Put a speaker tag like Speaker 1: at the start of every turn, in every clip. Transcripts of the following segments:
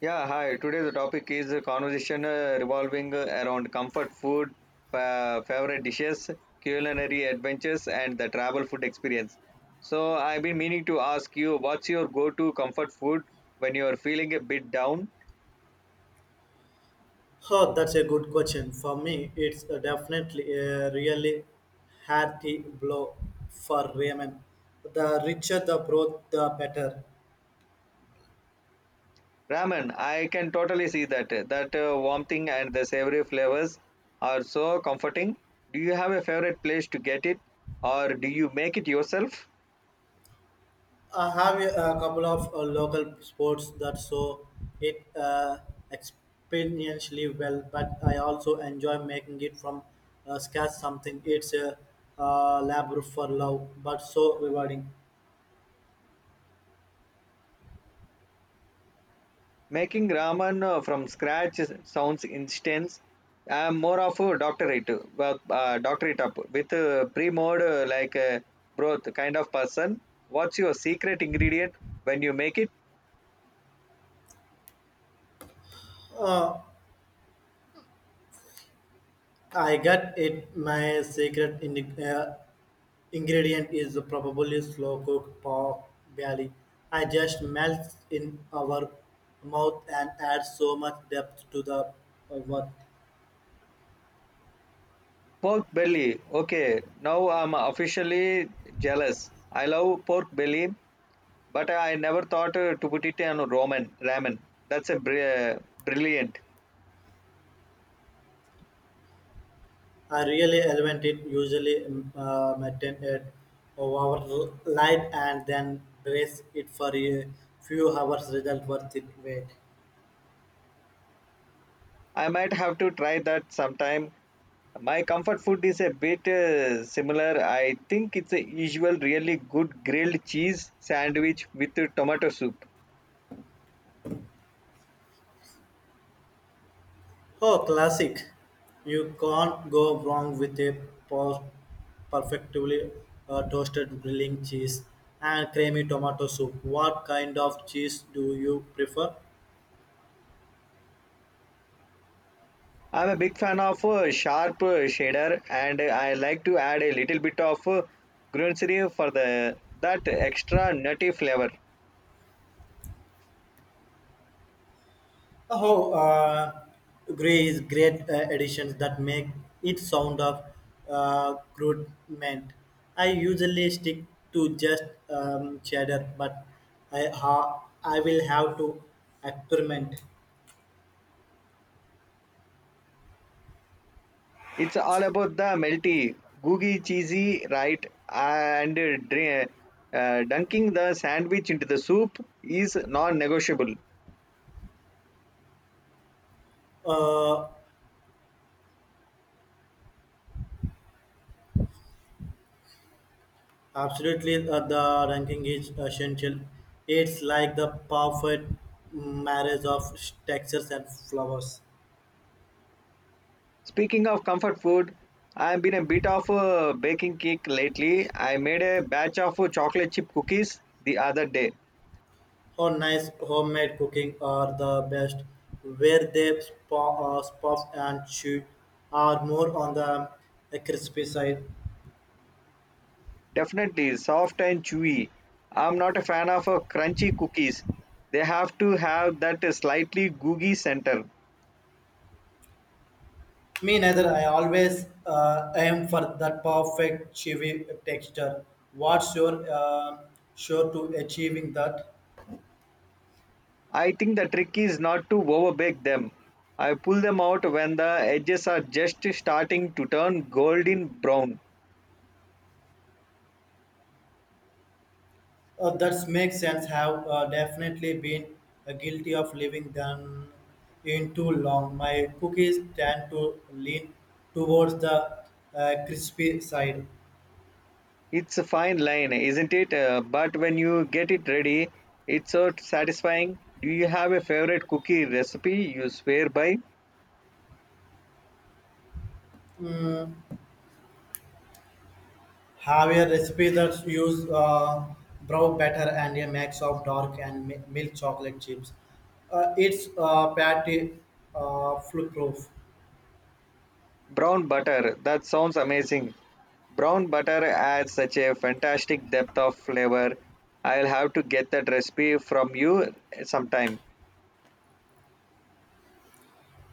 Speaker 1: Yeah, hi. Today the topic is a conversation revolving around comfort food, favorite dishes, culinary adventures, and the travel food experience. So I've been meaning to ask you, what's your go-to comfort food when you're feeling a bit down?
Speaker 2: Oh, that's a good question. For me, it's definitely a really hearty blow for Raymond. The richer the broth, the better.
Speaker 1: Ramen. I can totally see that. That warmthing and the savory flavors are so comforting. Do you have a favorite place to get it, or do you make it yourself?
Speaker 2: I have a couple of local sports that so it experientially well, but I also enjoy making it from scratch something. It's a labor for love, but so rewarding.
Speaker 1: Making ramen from sounds intense. I'm more of a doctorate, doctorate up with a pre-mode like broth kind of person. What's your secret ingredient when you make it?
Speaker 2: Uh, I get it my secret in uh, ingredient is probably slow cooked pork belly. I just melts in our mouth and adds so much depth to the what.
Speaker 1: Pork belly. Okay, now I'm officially jealous. I love pork belly, but I never thought to put it on ramen. That's a brilliant.
Speaker 2: I really elevate it, usually maintain it over light and then brace it for a few hours. Result worth it. Wait.
Speaker 1: I might have to try that sometime. My comfort food is a bit similar. I think it's a usual really good grilled cheese sandwich with tomato soup.
Speaker 2: Oh, classic. You can't go wrong with a per- perfectly toasted grilling cheese and creamy tomato soup. What kind of cheese do you prefer?
Speaker 1: I'm a big fan of sharp cheddar, and I like to add a little bit of gruyere for the that extra nutty flavor.
Speaker 2: Oh, gray is great additions that make it sound of crude meant. I usually stick to just cheddar, but I will have to experiment.
Speaker 1: It's all about the melty, gooey, cheesy, right? And dunking the sandwich into the soup is non-negotiable.
Speaker 2: Uh, Absolutely, the ranking is essential. It's like the perfect marriage of textures and flowers.
Speaker 1: Speaking of comfort food, I've been a bit of a baking kick lately. I made a batch of chocolate chip cookies the other day.
Speaker 2: Or nice homemade cooking are the best, where they puff and chew are more on the crispy side.
Speaker 1: Definitely soft and chewy. I'm not a fan of crunchy cookies. They have to have that slightly gooey center.
Speaker 2: Me neither. I always aim for that perfect chewy texture. What's your sure to achieving that?
Speaker 1: I think the trick is not to overbake them. I pull them out when the edges are just starting to turn golden brown.
Speaker 2: That makes sense. Have definitely been guilty of leaving them in too long. My cookies tend to lean towards the crispy side.
Speaker 1: It's a fine line, isn't it? But when you get it ready, it's so satisfying. Do you have a favorite cookie recipe you swear by?
Speaker 2: Mm, have a recipe that use brown batter and a mix of dark and milk chocolate chips. It's patty foolproof.
Speaker 1: Brown butter. That sounds amazing. Brown butter adds such a fantastic depth of flavor. I'll have to get that recipe from you sometime.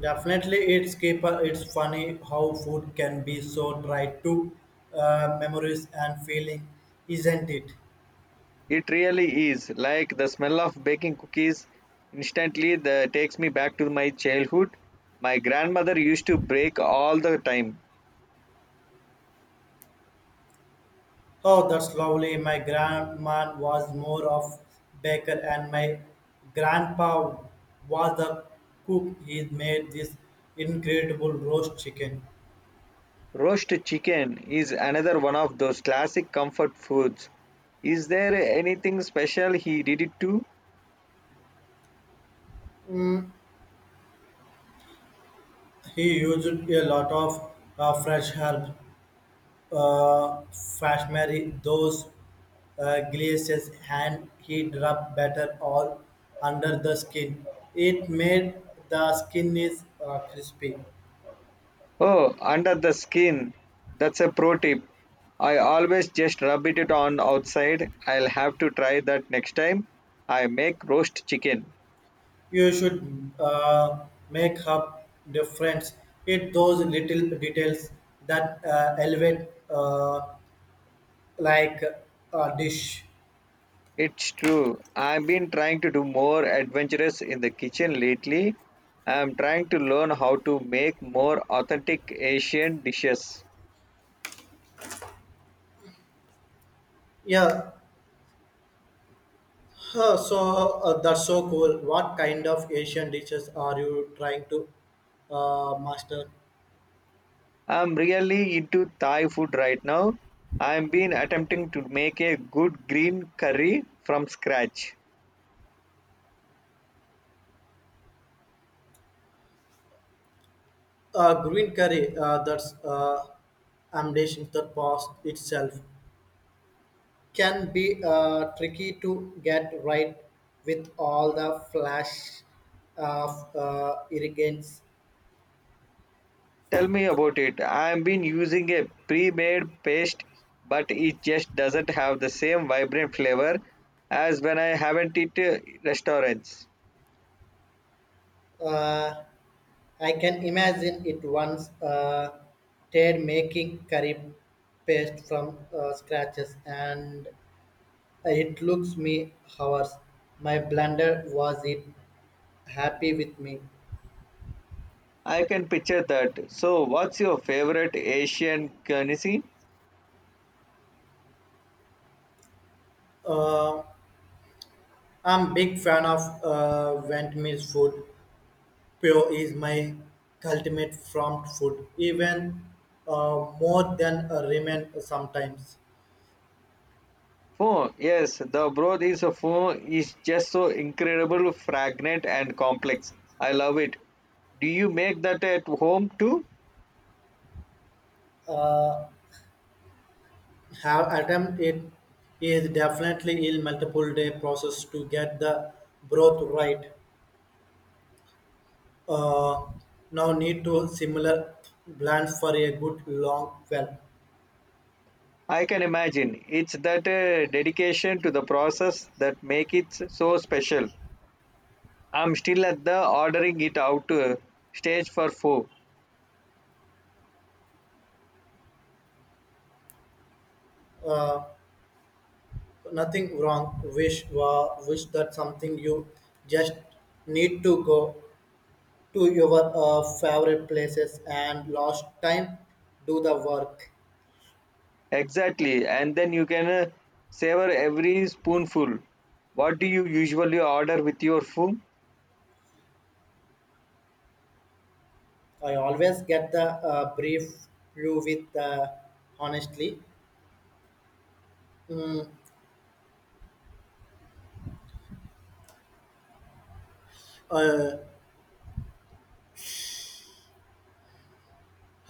Speaker 2: Definitely, it's keeper. It's funny how food can be so tied to memories and feeling, isn't it?
Speaker 1: It really is. Like the smell of baking cookies instantly the, takes me back to my childhood. My grandmother used to bake all the time.
Speaker 2: Oh, that's lovely. My grandma was more of baker, and my grandpa was the cook. He made this incredible roast chicken.
Speaker 1: Roast chicken is another one of those classic comfort foods. Is there anything special he did it to?
Speaker 2: Mm, he used a lot of fresh herbs Fashmeri, those glaciers, and heat rub better all under the skin. It made the skin is crispy.
Speaker 1: Oh, under the skin. That's a pro tip. I always just rub it on outside. I'll have to try that next time I make roast chicken.
Speaker 2: You should make up difference. It those little details that elevate like a dish.
Speaker 1: It's true. I've been trying to do more adventurous in the kitchen lately. I'm trying to learn how to make more authentic Asian dishes.
Speaker 2: Yeah, that's so cool. What kind of Asian dishes are you trying to master?
Speaker 1: I'm really into Thai food right now. I've been attempting to make a good green curry from scratch.
Speaker 2: Green curry, that's ambition that past itself, can be tricky to get right with all the flash of irrigants.
Speaker 1: Tell me about it. I've been using a pre-made paste, but it just doesn't have the same vibrant flavor as when I haven't it restaurants.
Speaker 2: Uh, I can imagine it once Ted making curry paste from scratches, and it looks me hours. My blender was it happy with me.
Speaker 1: I can picture that. So, what's your favorite Asian cuisine?
Speaker 2: Uh, I'm big fan of Vietnamese food. Pho is my ultimate front food, even more than a ramen sometimes.
Speaker 1: Phone, yes, the broth is a phone is just so incredible, fragrant and complex. I love it. Do you make that at home too?
Speaker 2: Uh, have attempt it is definitely a multiple day process to get the broth right. Uh, Now need to similar blends for a good long well.
Speaker 1: I can imagine. It's that dedication to the process that make it so special. I'm still at the ordering it out stage for four.
Speaker 2: Uh, Nothing wrong. Wish that something you just need to go to your favorite places and last time do the work.
Speaker 1: Exactly, and then you can savor every spoonful. What do you usually order with your food?
Speaker 2: I always get the brief brew with the honestly mm, uh,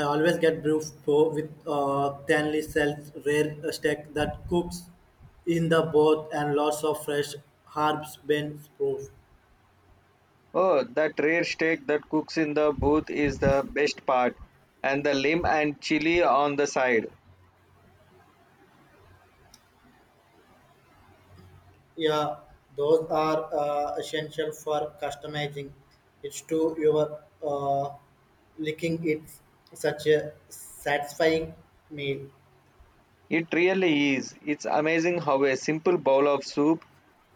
Speaker 2: I always get brew for with thinly sells rare steak that cooks in the broth and lots of fresh herbs been proof.
Speaker 1: Oh, that rare steak that cooks in the booth is the best part, and the lim and chili on the side.
Speaker 2: Yeah, those are essential for customizing. It's to your uh, licking. It's such a satisfying meal.
Speaker 1: It really is. It's amazing how a simple bowl of soup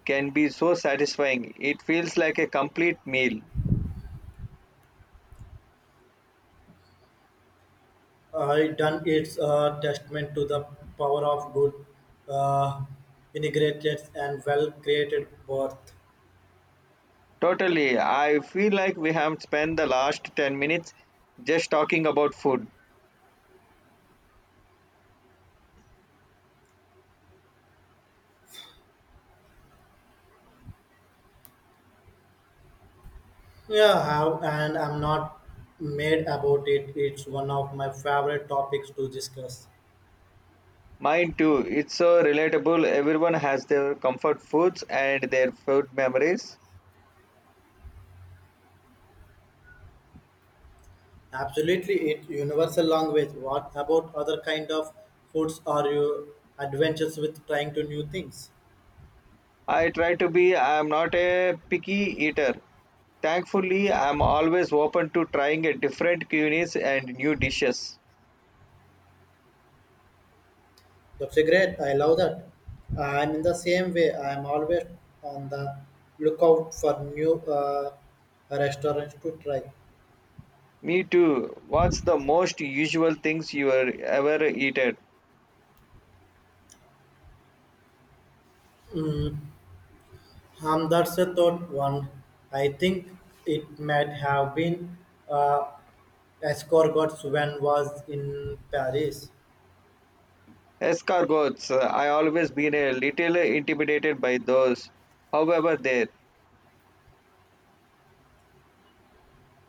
Speaker 1: can be so satisfying. It feels like a complete meal.
Speaker 2: I done it's a testament to the power of good, uh, integrated and well created birth.
Speaker 1: Totally. I feel like we have spent the last 10 minutes just talking about food.
Speaker 2: Yeah, how and I'm not mad about it. It's one of my favorite topics to discuss.
Speaker 1: Mine too. It's so relatable. Everyone has their comfort foods and their food memories.
Speaker 2: Absolutely, it universal language. What about other kind of foods are you adventures with trying to new things?
Speaker 1: I try to be. I am not a picky eater, thankfully. I'm always open to trying a different cuisines and new dishes.
Speaker 2: That's a great. I love that. I'm in the same way. I'm always on the lookout for new restaurants to try.
Speaker 1: Me too. What's the most usual things you are ever eaten?
Speaker 2: Mm, that's a thought one. I think it might have been uh, escargots when was in Paris.
Speaker 1: Escargots. I always been a little intimidated by those. However, there.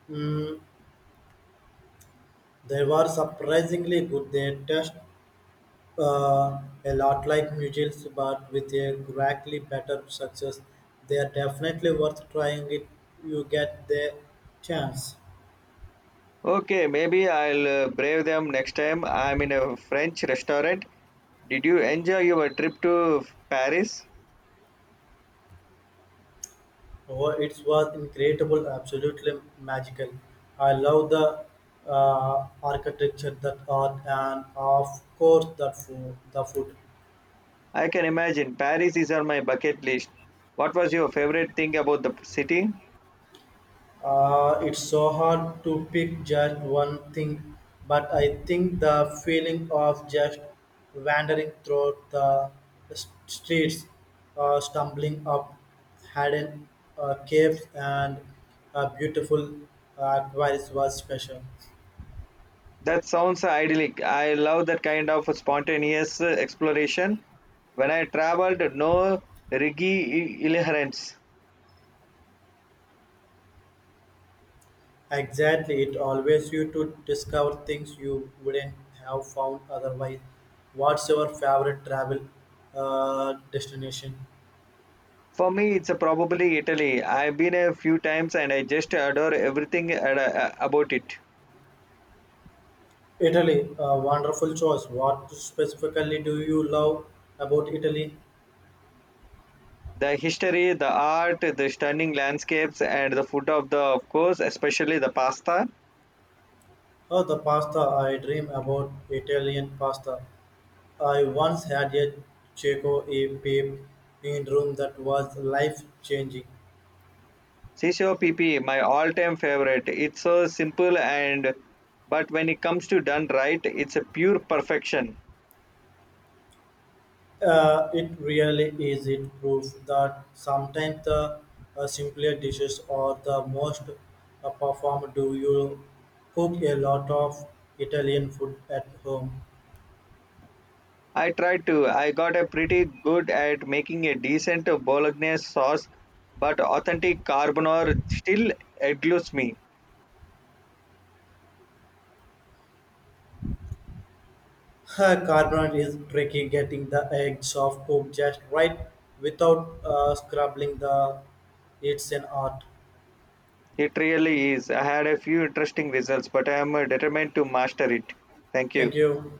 Speaker 2: Mm, they were surprisingly good. They taste a lot like Mutuals, but with a greatly better success. They are definitely worth trying if you get the chance.
Speaker 1: Okay, maybe I'll brave them next time I'm in a French restaurant. Did you enjoy your trip to Paris?
Speaker 2: Oh, it was incredible, absolutely magical. I love the architecture, that art, and of course, that food, the food.
Speaker 1: I can imagine Paris is on my bucket list. What was your favorite thing about the city?
Speaker 2: It's so hard to pick just one thing, but I think the feeling of just wandering through the streets, stumbling up hidden caves and a beautiful aquarius was special.
Speaker 1: That sounds idyllic. I love that kind of spontaneous exploration. When I traveled, no rigid adherence.
Speaker 2: Exactly, it always you to discover things you wouldn't have found otherwise. What's your favorite travel destination?
Speaker 1: For me, it's probably Italy. I've been a few times and I just adore everything about it.
Speaker 2: Italy, a wonderful choice. What specifically do you love about Italy?
Speaker 1: The history, the art, the stunning landscapes, and the food of the, of course, especially the pasta.
Speaker 2: Oh, the pasta. I dream about Italian pasta. I once had a Checo a babe in room that was life changing.
Speaker 1: Sisio PP, my all-time favorite. It's so simple and, but when it comes to done right, it's a pure perfection.
Speaker 2: It really is. It proves that sometimes the simpler dishes are the most performed. Do you cook a lot of Italian food at home?
Speaker 1: I tried to. I got a pretty good at making a decent bolognese sauce, but authentic carbonara still eludes me.
Speaker 2: Carbonate is tricky, getting the edge of cook just right without scrubbing the. It's an art.
Speaker 1: It really is. I had a few interesting results, but I am determined to master it. Thank you.
Speaker 2: Thank you.